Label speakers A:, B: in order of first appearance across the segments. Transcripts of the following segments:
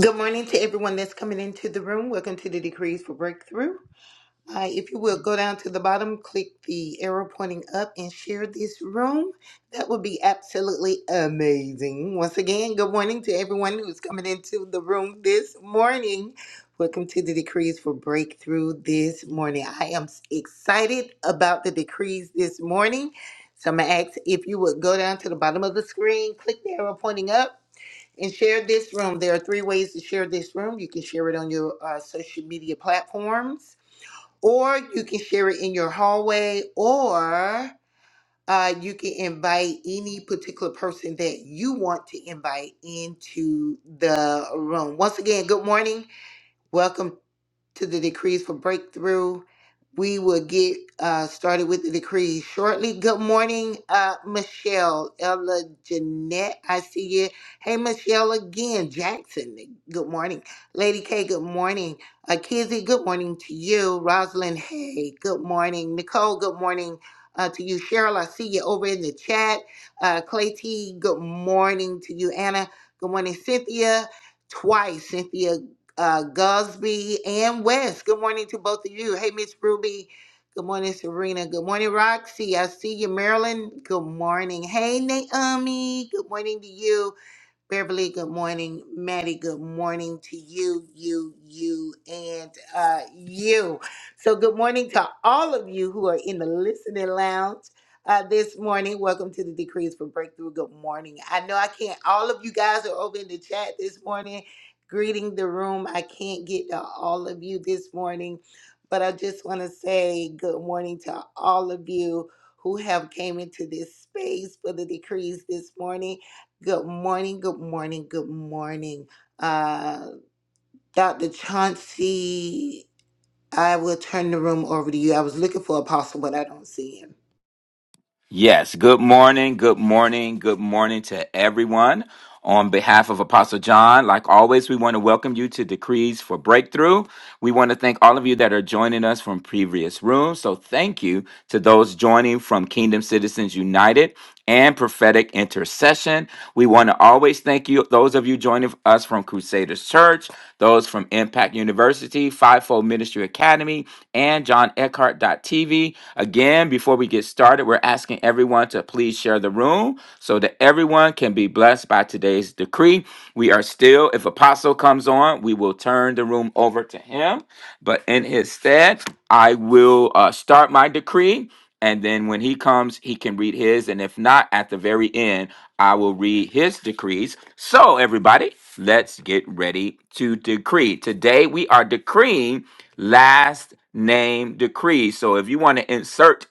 A: Good morning to everyone that's coming into the room. Welcome to the Decrees for Breakthrough. Uh, if you will go down to the bottom, click the arrow pointing up, and share this room. That would be absolutely amazing. Once again, good morning to everyone who's coming into the room this morning. Welcome to the Decrees for Breakthrough this morning. I am s- excited about the decrees this morning. So I'm going to ask if you would go down to the bottom of the screen, click the arrow pointing up and share this room. There are three ways to share this room. You can share it on your uh, social media platforms, or you can share it in your hallway, or uh, you can invite any particular person that you want to invite into the room. Once again, good morning. Welcome to the decrees for breakthrough. We will get uh, started with the decrees shortly. Good morning, uh, Michelle, Ella, Jeanette. I see you. Hey, Michelle again, Jackson. Good morning, Lady K. Good morning, uh, Kizzy. Good morning to you, Rosalind. Hey, good morning, Nicole. Good morning. Uh, to you, Cheryl, I see you over in the chat. Uh, Clay T, good morning to you, Anna. Good morning, Cynthia. Twice, Cynthia uh, Gosby and West. Good morning to both of you. Hey, Miss Ruby. Good morning, Serena. Good morning, Roxy. I see you, Marilyn. Good morning. Hey, Naomi. Good morning to you. Beverly, good morning. Maddie, good morning to you, you, you, and uh, you. So, good morning to all of you who are in the listening lounge uh, this morning. Welcome to the Decrees for Breakthrough. Good morning. I know I can't, all of you guys are over in the chat this morning, greeting the room. I can't get to all of you this morning, but I just want to say good morning to all of you who have came into this space for the decrees this morning Good morning, good morning, good morning. Uh, Dr. Chauncey, I will turn the room over to you. I was looking for Apostle, but I don't see him.
B: Yes. Good morning. Good morning. Good morning to everyone. On behalf of Apostle John, like always, we want to welcome you to Decrees for Breakthrough. We want to thank all of you that are joining us from previous rooms. So, thank you to those joining from Kingdom Citizens United and Prophetic Intercession. We want to always thank you you, those of you joining us from Crusaders Church, those from Impact University, Fivefold Ministry Academy, and John Eckhart TV. Again, before we get started, we're asking everyone to please share the room so that everyone can be blessed by today's decree. We are still, if Apostle comes on, we will turn the room over to him. But in his stead, I will uh, start my decree and then when he comes he can read his and if not at the very end i will read his decrees so everybody let's get ready to decree today we are decreeing last name decrees so if you want to insert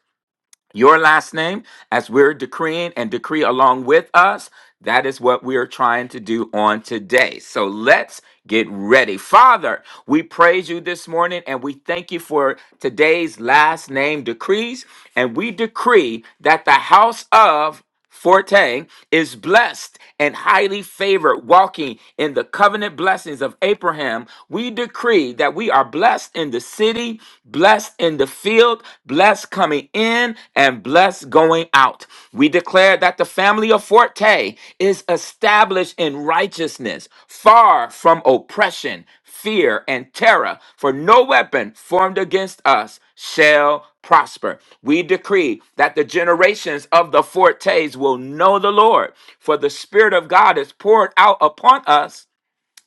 B: your last name as we're decreeing and decree along with us. That is what we are trying to do on today. So let's get ready. Father, we praise you this morning and we thank you for today's last name decrees. And we decree that the house of Forte is blessed and highly favored, walking in the covenant blessings of Abraham. We decree that we are blessed in the city, blessed in the field, blessed coming in, and blessed going out. We declare that the family of Forte is established in righteousness, far from oppression, fear, and terror, for no weapon formed against us shall prosper. We decree that the generations of the Fortes will know the Lord, for the Spirit of God is poured out upon us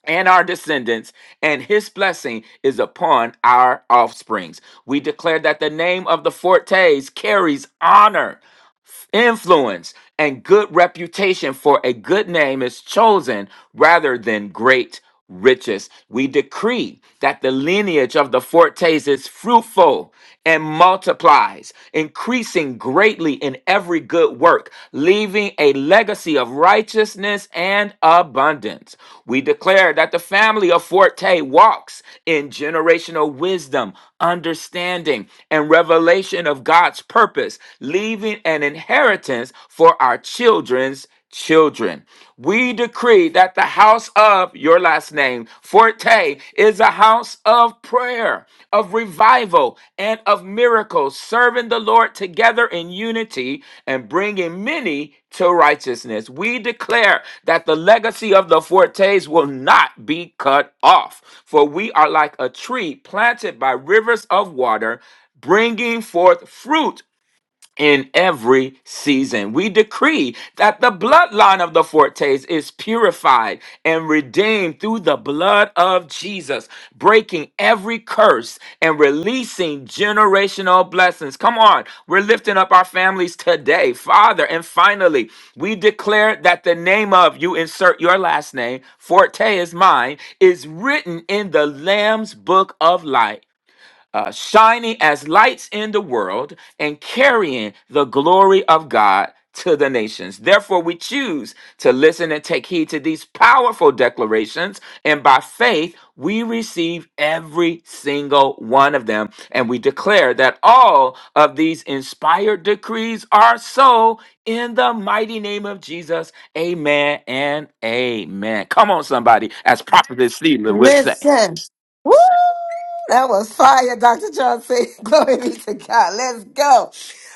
B: and our descendants, and his blessing is upon our offsprings. We declare that the name of the Fortes carries honor. Influence and good reputation for a good name is chosen rather than great riches. We decree that the lineage of the Fortes is fruitful and multiplies, increasing greatly in every good work, leaving a legacy of righteousness and abundance. We declare that the family of Forte walks in generational wisdom, understanding, and revelation of God's purpose, leaving an inheritance for our children's children. We decree that the house of your last name, Forte, is a house of prayer, of revival, and of miracles, serving the Lord together in unity and bringing many to righteousness. We declare that the legacy of the Fortes will not be cut off, for we are like a tree planted by rivers of water bringing forth fruit in every season. We decree that the bloodline of the Fortes is purified and redeemed through the blood of Jesus, breaking every curse and releasing generational blessings. Come on, we're lifting up our families today, Father. And finally, we declare that the name of you insert your last name, Forte is mine, is written in the Lamb's book of life uh, shining as lights in the world and carrying the glory of God to the nations. Therefore, we choose to listen and take heed to these powerful declarations, and by faith, we receive every single one of them. And we declare that all of these inspired decrees are so in the mighty name of Jesus. Amen and amen. Come on, somebody, as Prophet Sheila would say.
C: Listen. Woo! That was fire, Dr. Johnson. Glory be to God. Let's go.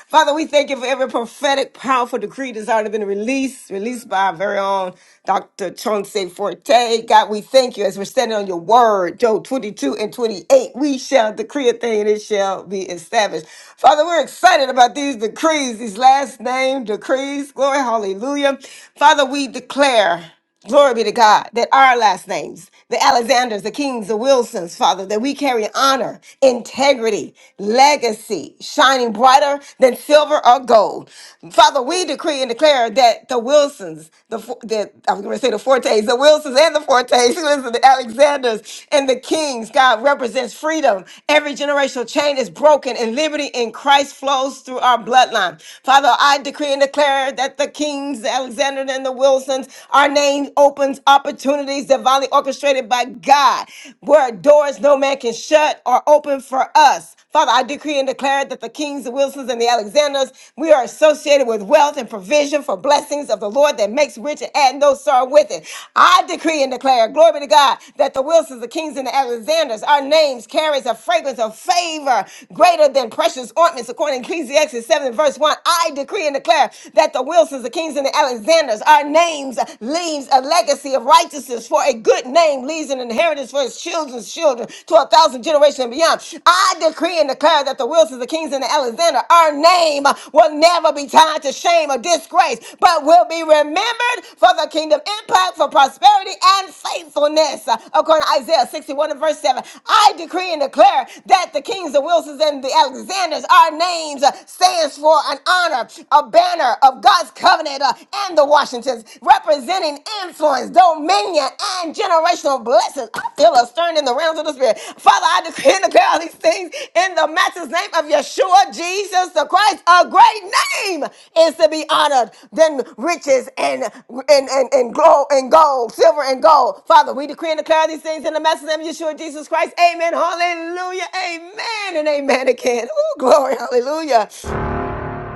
C: Father, we thank you for every prophetic, powerful decree that's already been released, released by our very own Dr. Chauncey Forte. God, we thank you as we're standing on your word, Job 22 and 28. We shall decree a thing and it shall be established. Father, we're excited about these decrees, these last name decrees. Glory, hallelujah. Father, we declare. Glory be to God that our last names, the Alexanders, the Kings, the Wilsons, Father, that we carry honor, integrity, legacy, shining brighter than silver or gold. Father, we decree and declare that the Wilsons, the, Fo- the I'm going to say the Fortes, the Wilsons and the Fortes, who is the Alexanders and the Kings, God represents freedom. Every generational chain is broken and liberty in Christ flows through our bloodline. Father, I decree and declare that the Kings, the Alexanders, and the Wilsons. Our name opens opportunities divinely orchestrated by God, where doors no man can shut are open for us. Father, I decree and declare that the Kings, the Wilsons, and the Alexanders, we are associated with wealth and provision for blessings of the Lord that makes rich and add no sorrow with it. I decree and declare, glory be to God, that the Wilsons, the Kings, and the Alexanders, our names carries a fragrance of favor greater than precious ointments, according to Ecclesiastes 7 and verse 1. I decree and declare that the Wilsons Wilsons, the Kings, and the Alexanders. Our names leaves a legacy of righteousness, for a good name leaves an inheritance for his children's children to a thousand generations and beyond. I decree and declare that the Wilsons, the Kings, and the Alexander, our name will never be tied to shame or disgrace, but will be remembered for the kingdom impact, for prosperity, and faithfulness. According to Isaiah 61 and verse 7, I decree and declare that the Kings, the Wilsons, and the Alexanders, our names stands for an honor a banner of God's covenant uh, and the Washingtons, representing influence, dominion, and generational blessings. I feel a stirring in the realms of the Spirit. Father, I decree and declare all these things in the matchless name of Yeshua, Jesus the Christ. A great name is to be honored than riches and and and and, gold and gold, silver and gold. Father, we decree and declare these things in the matchless name of Yeshua, Jesus Christ. Amen. Hallelujah. Amen and amen again. Oh, glory. Hallelujah.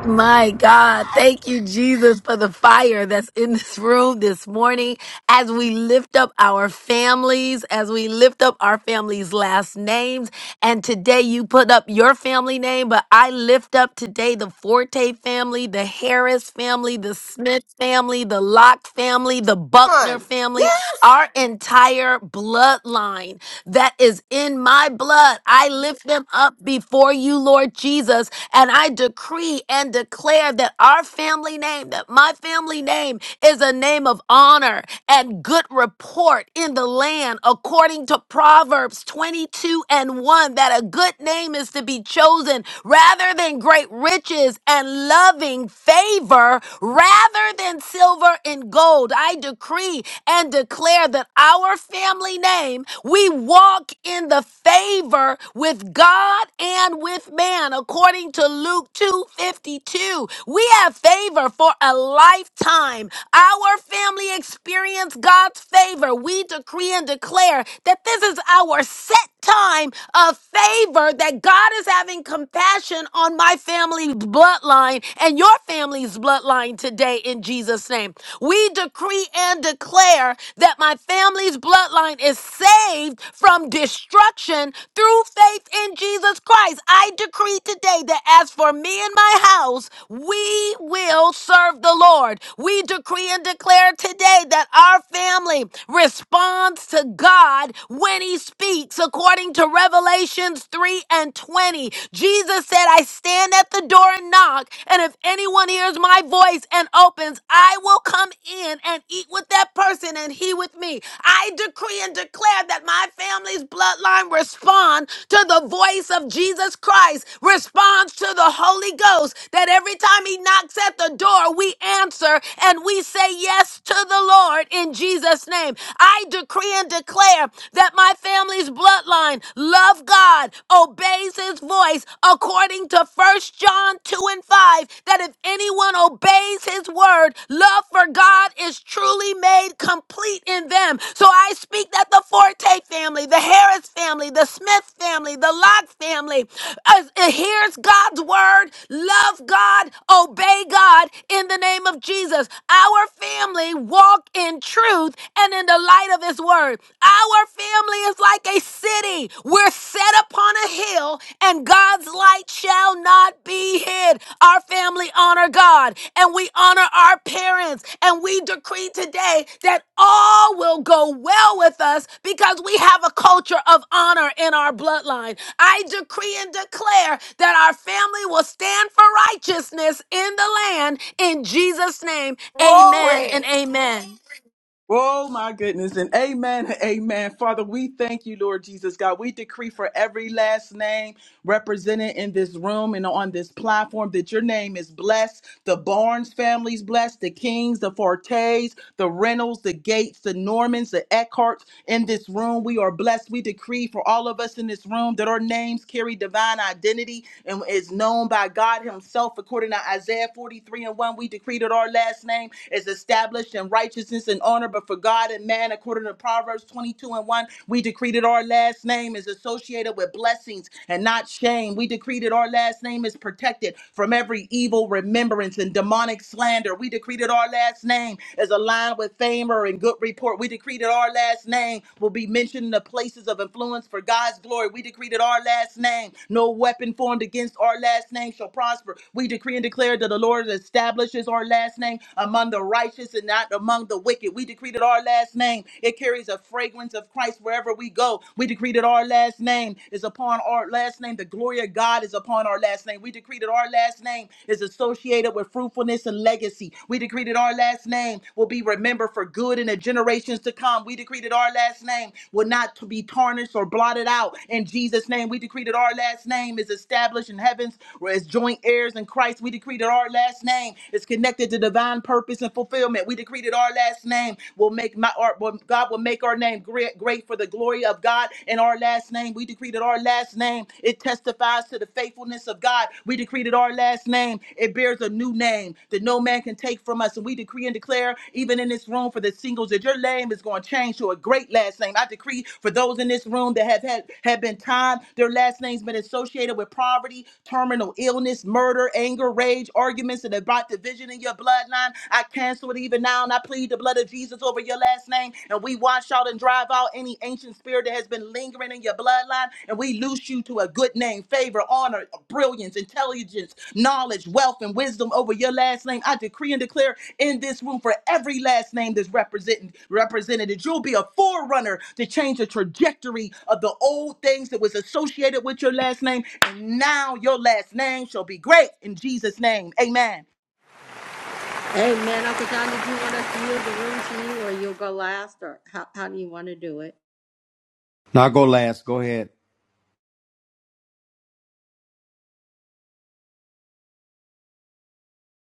D: My God, thank you, Jesus, for the fire that's in this room this morning. As we lift up our families, as we lift up our families' last names, and today you put up your family name, but I lift up today the Forte family, the Harris family, the Smith family, the Locke family, the Buckner
C: Come on.
D: family
C: Yes,
D: our entire bloodline that is in my blood. I lift them up before you, Lord Jesus, and I decree and declare that our family name, that my family name is a name of honor and good report in the land, according to Proverbs 22 and 1, that a good name is to be chosen rather than great riches and loving favor rather than than silver and gold. I decree and declare that our family name, we walk in the favor with God and with man, according to Luke 2:52. We have favor for a lifetime. Our family experience God's favor. We decree and declare that this is our set time of favor that God is having compassion on my family bloodline bloodline and your family's bloodline today in Jesus' name. We decree and declare that my family's bloodline is saved from destruction through faith in Jesus Christ. I decree today that as for me and my house, we will serve the Lord. We decree and declare today that our family responds to God when He speaks, according to Revelations 3 and 20. 20. Jesus said, I stand at the door and knock, and if anyone hears my voice and opens, I will come in and eat with that person and he with me. I decree and declare that my family's bloodline respond to the voice of Jesus Christ, responds to the Holy Ghost, that every time he knocks at the door, we answer and we say yes to the Lord in Jesus' name. I decree and declare that my family family's bloodline love God, obeys his voice, according to First John 2 and 5, that if anyone obeys his word, love for God is truly made complete in them. So I speak that the Forte family, the Harris family, the Smith family, the Locke family uh, hears God's word, love God, obey God in the name of Jesus. Our family walk in truth and and in the light of His word. Our family is like a city. We're set upon a hill, and God's light shall not be hid. Our family honor God, and we honor our parents, and we decree today that all will go well with us because we have a culture of honor in our bloodline. I decree and declare that our family will stand for righteousness in the land in Jesus' name. Amen and
C: Glory.
D: amen.
E: Oh my goodness. And amen. and Amen. Father, we thank you, Lord Jesus God. We decree for every last name represented in this room and on this platform that your name is blessed. The Barnes family's blessed, the Kings, the Fortes, the Reynolds, the Gates, the Normans, the Eckharts in this room. We are blessed. We decree for all of us in this room that our names carry divine identity and is known by God Himself. According to Isaiah 43 and 1, we decree that our last name is established in righteousness and honor, but for God and man, according to Proverbs 22 and 1, we decree that our last name is associated with blessings and not shame. We decree that our last name is protected from every evil remembrance and demonic slander. We decree that our our last name is aligned with fame or in good report. We decree that our last name will be mentioned in the places of influence for God's glory. We decree that our last name, no weapon formed against our last name shall prosper. We decree and declare that the Lord establishes our last name among the righteous and not among the wicked. We decree that our last name, it carries a fragrance of Christ wherever we go. We decree that our last name is upon our last name. The glory of God is upon our last name. We decree that our last name is associated with fruitfulness and legacy. We decree that our last name will be remembered for good in the generations to come. We decree that our last name will not to be tarnished or blotted out. In Jesus' name, we decree that our last name is established in heavens as joint heirs in Christ. We decree that our last name is connected to divine purpose and fulfillment. We decree that our last name will make my our, will- God will make our name great, great for the glory of God, and our last last name. We decree that our last name, it testifies to the faithfulness of God. We decree that our last name, it bears a new name that no man can take from us. And we decree and declare, even in this room for the singles, that your name is going to change to a great last name. I decree for those in this room that have had have been time, their last name's been associated with poverty, terminal illness, murder, anger, rage, arguments, and about division in your bloodline. I cancel it even now, and I plead the blood of Jesus over for your last name. And we wash out and drive out any ancient spirit that has been lingering in your bloodline. And we loose you to a good name, favor, honor, brilliance, intelligence, knowledge, wealth, and wisdom over your last name. I decree and declare in this room for every last name that's represented, represented, you'll be a forerunner to change the trajectory of the old things that was associated with your last name. And now your last name shall be great in Jesus' name. Amen.
F: Amen. Uncle John, did you want us to yield the room to you or you'll go last or how, how do you want to do it?
G: Now I'll go last. Go ahead.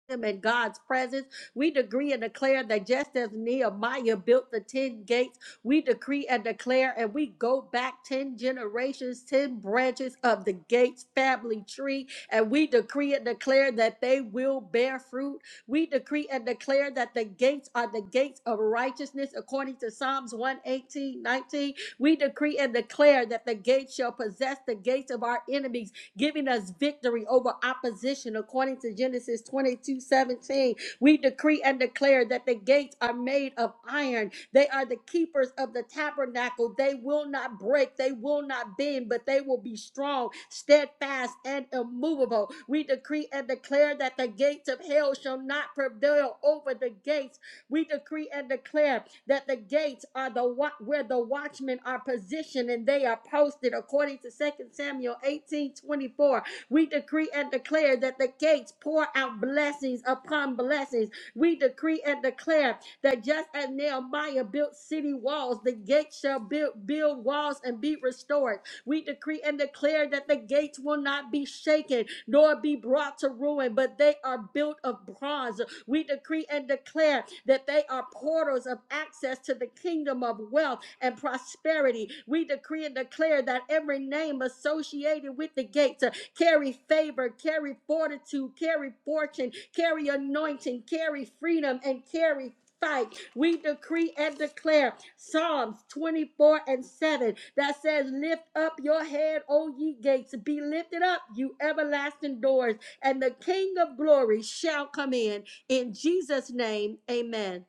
F: him in God's presence. We decree and declare that just as Nehemiah built the 10 gates, we decree and declare and we go back 10 generations, 10 branches of the Gates family tree, and we decree and declare that they will bear fruit. We decree and declare that the gates are the gates of righteousness according to Psalms 118, 19. We decree and declare that the gates shall possess the gates of our enemies giving us victory over opposition. According to Genesis 22 17, we decree and declare that the gates are made of iron. They are the keepers of the tabernacle. They will not break, they will not bend, but they will be strong, steadfast, and immovable. We decree and declare that the gates of hell shall not prevail over the gates. We decree and declare that the gates are the wa- where the watchmen are positioned and they are posted according to Second Samuel 18 24. We decree and declare that the gates pour out blessings upon blessings. We decree and declare that just as Nehemiah built city walls, the gates shall build, build walls and be restored. We decree and declare that the gates will not be shaken nor be brought to ruin, but they are built of bronze we decree and declare that they are portals of access to the kingdom of wealth and prosperity. We decree and declare that every name associated with the gates uh, carry favor, carry fortitude, carry fortune, carry anointing, carry freedom, and carry fight. We decree and declare Psalms 24 and 7 that says, Lift up your head, O ye gates, be lifted up, you everlasting doors, and the King of glory shall come in. In Jesus' name, amen.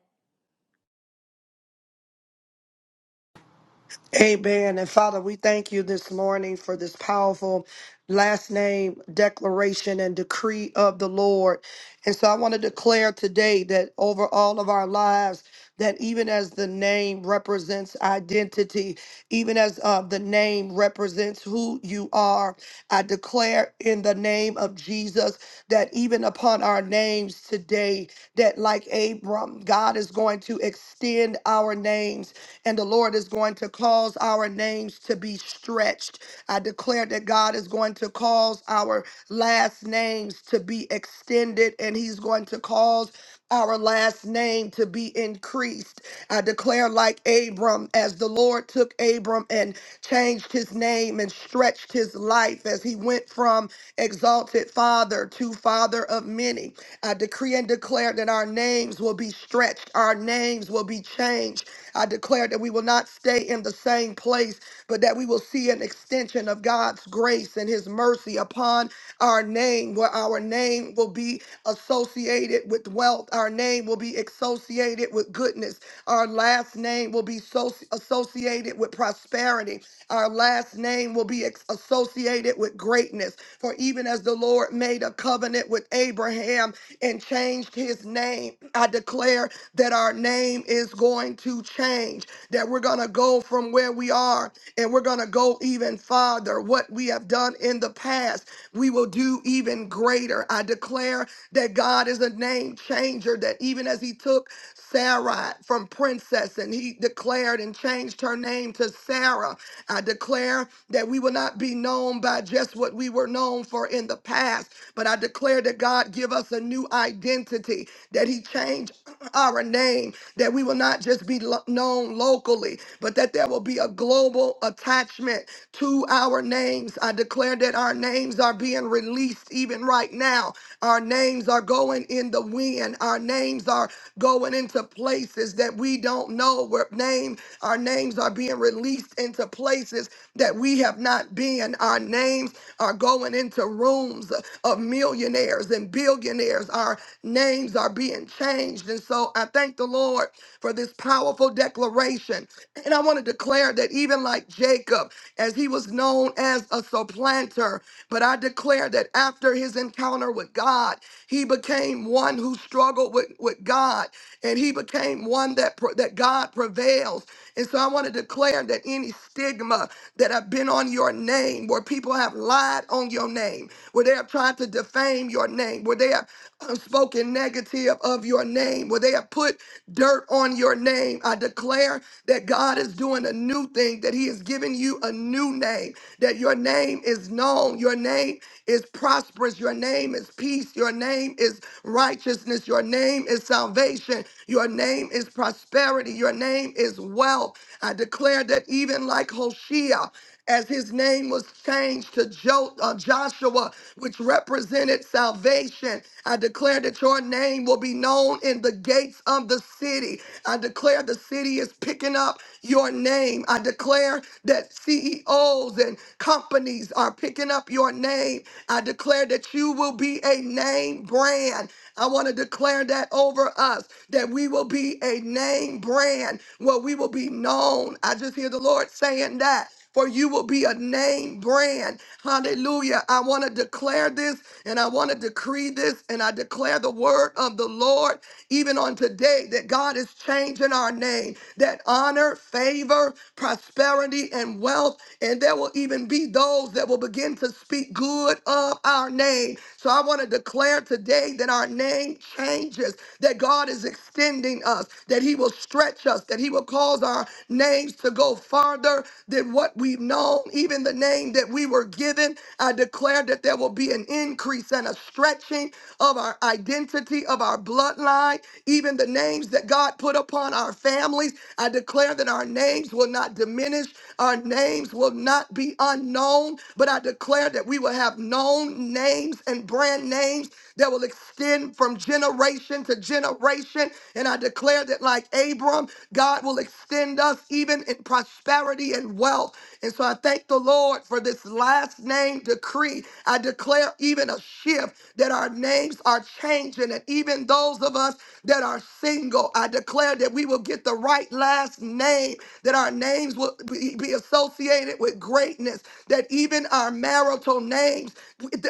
H: Amen. And Father, we thank you this morning for this powerful last name declaration and decree of the Lord. And so I want to declare today that over all of our lives, that even as the name represents identity, even as uh, the name represents who you are. I declare in the name of Jesus that even upon our names today, that like Abram, God is going to extend our names and the Lord is going to cause our names to be stretched. I declare that God is going to cause our last names to be extended and He's going to cause our last name to be increased. I declare, like Abram, as the Lord took Abram and changed his name and stretched his life as he went from exalted father to father of many. I decree and declare that our names will be stretched, our names will be changed. I declare that we will not stay in the same place, but that we will see an extension of God's grace and his mercy upon our name, where our name will be associated with wealth. Our name will be associated with goodness. Our last name will be so- associated with prosperity. Our last name will be ex- associated with greatness. For even as the Lord made a covenant with Abraham and changed his name, I declare that our name is going to change, that we're going to go from where we we are, and we're going to go even farther. What we have done in the past, we will do even greater. I declare that God is a name changer, that even as He took Sarah from princess and He declared and changed her name to Sarah, I declare that we will not be known by just what we were known for in the past, but I declare that God give us a new identity, that He changed our name, that we will not just be lo- known locally, but that there will be a global attachment to our names. I declare that our names are being released even right now. Our names are going in the wind. Our names are going into places that we don't know. Where name, our names are being released into places that we have not been and our names are going into rooms of millionaires and billionaires. Our names are being changed. And so I thank the Lord for this powerful declaration. And I want to declare that even like Jacob, as he was known as a supplanter, but I declare that after his encounter with God, he became one who struggled with, with God and he became one that pro- that God prevails. And so I want to declare that any stigma that have been on your name, where people have lied on your name, where they have tried to defame your name, where they have uh, spoken negative of your name, where they have put dirt on your name. I declare that God is doing a new thing, that He has given you a new name, that your name is known, your name is prosperous, your name is peace, your name is righteousness, your name is salvation, your name is prosperity, your name is wealth. I declare that even like Hoshea, as his name was changed to jo- uh, Joshua, which represented salvation. I declare that your name will be known in the gates of the city. I declare the city is picking up your name. I declare that CEOs and companies are picking up your name. I declare that you will be a name brand. I want to declare that over us, that we will be a name brand where we will be known. I just hear the Lord saying that for you will be a name brand. Hallelujah. I want to declare this and I want to decree this and I declare the word of the Lord even on today that God is changing our name, that honor, favor, prosperity, and wealth. And there will even be those that will begin to speak good of our name. So I want to declare today that our name changes us, that God is extending us, that He will stretch us, that He will cause our names to go farther than what we've known, even the name that we were given. I declare that there will be an increase and a stretching of our identity, of our bloodline, even the names that God put upon our families. I declare that our names will not diminish, our names will not be unknown, but I declare that we will have known names and brand names that will extend from generation to generation. And I declare that, like Abram, God will extend us even in prosperity and wealth. And so I thank the Lord for this last name decree. I declare even a shift that our names are changing, and even those of us that are single. I declare that we will get the right last name, that our names will be be associated with greatness, that even our marital names,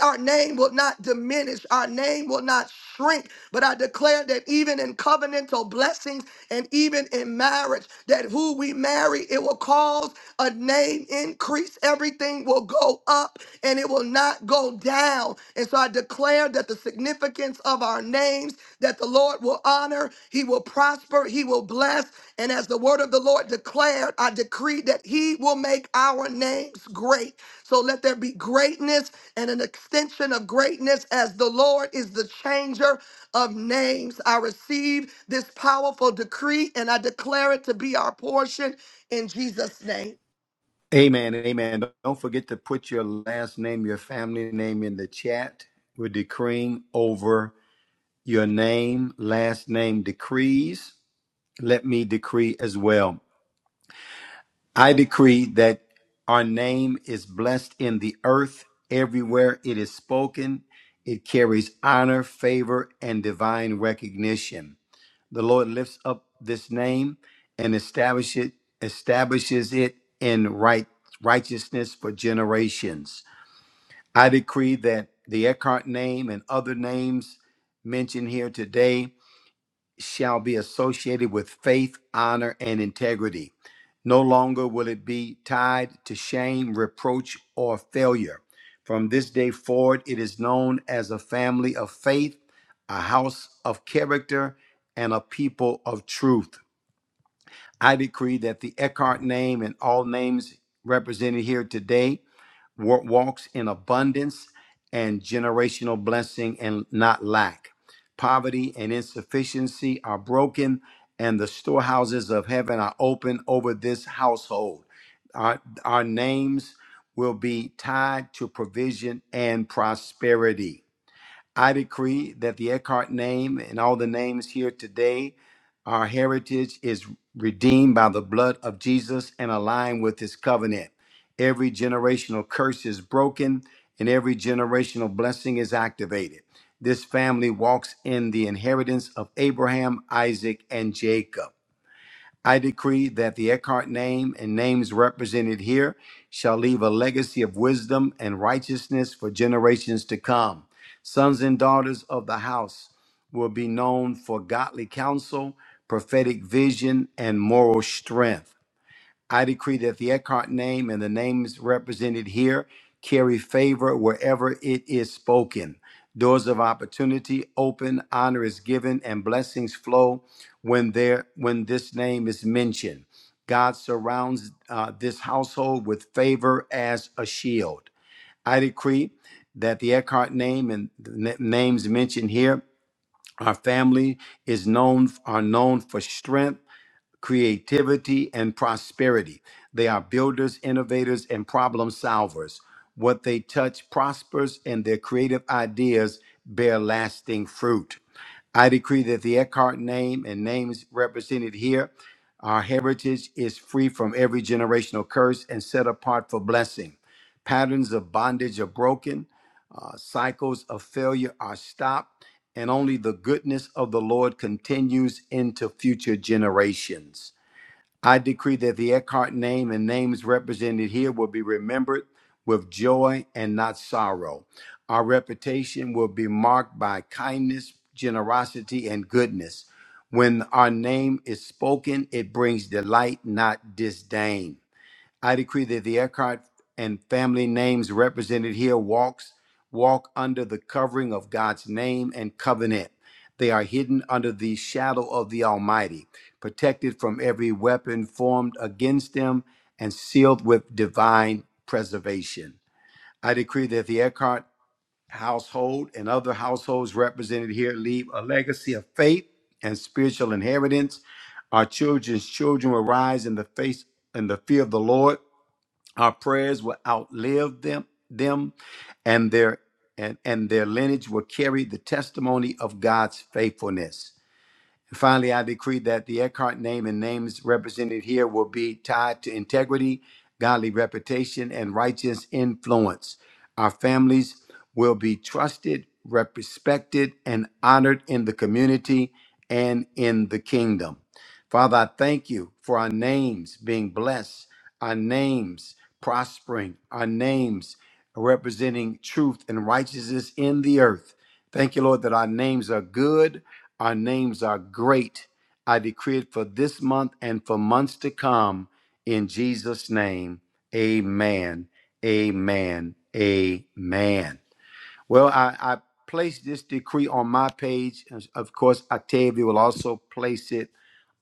H: our name will not diminish, our name will not shrink. But I declare that even in covenantal blessings and even in marriage, that who we marry, it will cause a name increase. Everything will go up and it will not go down. And so I declare that the significance of our names that the Lord will honor, he will prosper, he will bless. And as the word of the Lord declared, I decree that he will make our names great. So let there be greatness and an extension of greatness as the Lord is the changer of names. I receive this powerful decree and I declare it to be our portion in Jesus' name.
G: Amen. Amen. Don't forget to put your last name, your family name in the chat. We're decreeing over your name, last name decrees. Let me decree as well. I decree that our name is blessed in the earth everywhere it is spoken. It carries honor, favor, and divine recognition. The Lord lifts up this name and establish it, establishes it in right righteousness for generations. I decree that the Eckhart name and other names mentioned here today shall be associated with faith, honor, and integrity. No longer will it be tied to shame, reproach, or failure. From this day forward, it is known as a family of faith, a house of character, and a people of truth. I decree that the Eckhart name and all names represented here today wa- walks in abundance and generational blessing and not lack. Poverty and insufficiency are broken, and the storehouses of heaven are open over this household. Our, our names will be tied to provision and prosperity. I decree that the Eckhart name and all the names here today, our heritage is redeemed by the blood of Jesus and aligned with his covenant. Every generational curse is broken and every generational blessing is activated. This family walks in the inheritance of Abraham, Isaac, and Jacob. I decree that the Eckhart name and names represented here shall leave a legacy of wisdom and righteousness for generations to come. Sons and daughters of the house will be known for godly counsel, prophetic vision, and moral strength. I decree that the Eckhart name and the names represented here carry favor wherever it is spoken. Doors of opportunity open, honor is given, and blessings flow when there when this name is mentioned. God surrounds uh, this household with favor as a shield. I decree that the Eckhart name and the na- names mentioned here, our family is known are known for strength creativity, and prosperity. They are builders, innovators, and problem solvers. What they touch prospers, and their creative ideas bear lasting fruit. I decree that the Eckhart name and names represented here, our heritage is free from every generational curse and set apart for blessing. Patterns of bondage are broken, uh, cycles of failure are stopped, and only the goodness of the Lord continues into future generations. I decree that the Eckhart name and names represented here will be remembered with joy and not sorrow. Our reputation will be marked by kindness, generosity, and goodness. When our name is spoken, it brings delight, not disdain. I decree that the Eckhart and family names represented here walks walk under the covering of God's name and covenant. They are hidden under the shadow of the Almighty, protected from every weapon formed against them and sealed with divine preservation. I decree that the Eckhart household and other households represented here leave a legacy of faith and spiritual inheritance. Our children's children will rise in the face in the fear of the Lord our prayers will outlive them, them and their and, and their lineage will carry the testimony of God's faithfulness. And finally, I decree that the Eckhart name and names represented here will be tied to integrity, godly reputation, and righteous influence. Our families will be trusted, respected, and honored in the community and in the kingdom. Father, I thank you for our names being blessed, our names prospering, our names representing truth and righteousness in the earth. Thank you, Lord, that our names are good our names are great. I decree it for this month and for months to come. In Jesus' name, amen, amen, amen. Well, I, I placed this decree on my page. and Of course, Octavia will also place it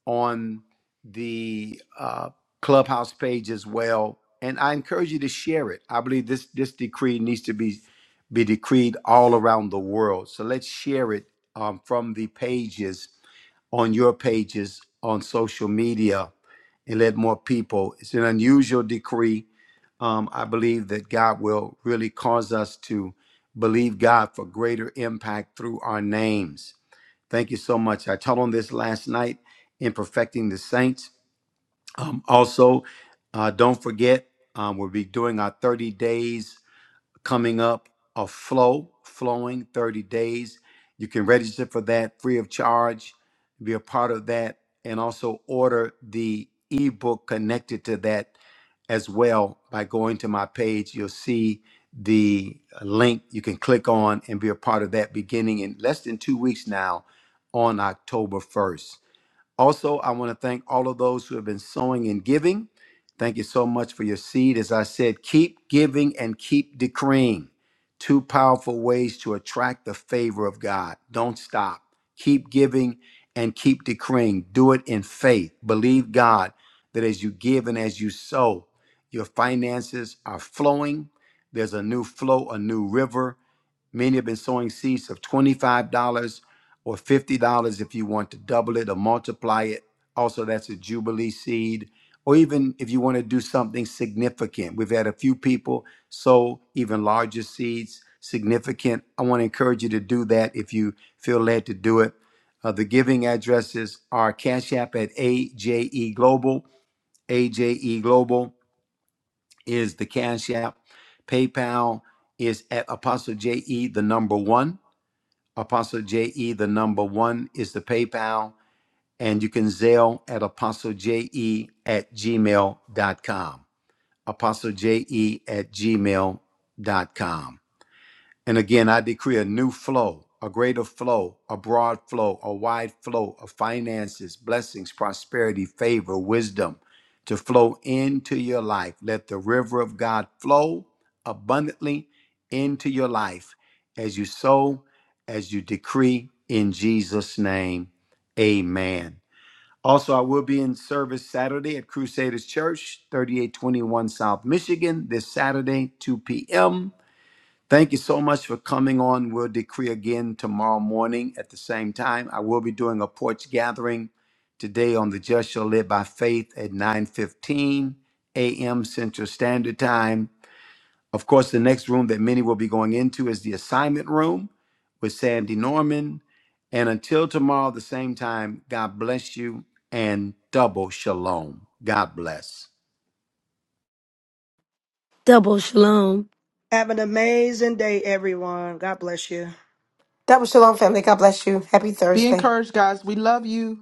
G: on the uh, clubhouse page as well and i encourage you to share it i believe this this decree needs to be be decreed all around the world so let's share it um, from the pages on your pages on social media and let more people. It's an unusual decree. Um, I believe that God will really cause us to believe God for greater impact through our names. Thank you so much. I taught on this last night in Perfecting the Saints. Um, also, uh, don't forget, um, we'll be doing our 30 days coming up a flow flowing 30 days you can register for that free of charge be a part of that and also order the ebook connected to that as well by going to my page you'll see the link you can click on and be a part of that beginning in less than two weeks now on october 1st also, I want to thank all of those who have been sowing and giving. Thank you so much for your seed. As I said, keep giving and keep decreeing. Two powerful ways to attract the favor of God. Don't stop. Keep giving and keep decreeing. Do it in faith. Believe God that as you give and as you sow, your finances are flowing. There's a new flow, a new river Many have been sowing seeds of $25 or $50 if you want to double it or multiply it. Also, that's a Jubilee seed. Or even if you want to do something significant. We've had a few people sow even larger seeds, significant. I want to encourage you to do that if you feel led to do it. Uh, the giving addresses are Cash App at AJE Global. AJE Global is the Cash App. PayPal is at Apostle JE, the number one. Apostle JE. The number one is the PayPal, and you can Zelle at Apostle J E at Gmail dot com. Apostle JE at Gmail dot com. And again, I decree a new flow, a greater flow, a broad flow, a wide flow of finances, blessings, prosperity, favor, wisdom to flow into your life. Let the river of God flow abundantly into your life as you sow, as you decree in Jesus' name. Amen. Also, I will be in service Saturday at Crusaders Church, 3821 South Michigan, this Saturday, 2 p.m. Thank you so much for coming on. We'll decree again tomorrow morning at the same time. I will be doing a porch gathering today on the Just Shall Live by Faith at 9:15 a.m. Central Standard Time. Of course, the next room that many will be going into is the assignment room with Sandy Norman. And until tomorrow, the same time, God bless you and double shalom. God bless.
D: Double shalom.
H: Have an amazing day, everyone. God bless you.
C: Double Shalom family. God bless you. Happy
E: Be
C: Thursday.
E: encouraged, guys. We love you.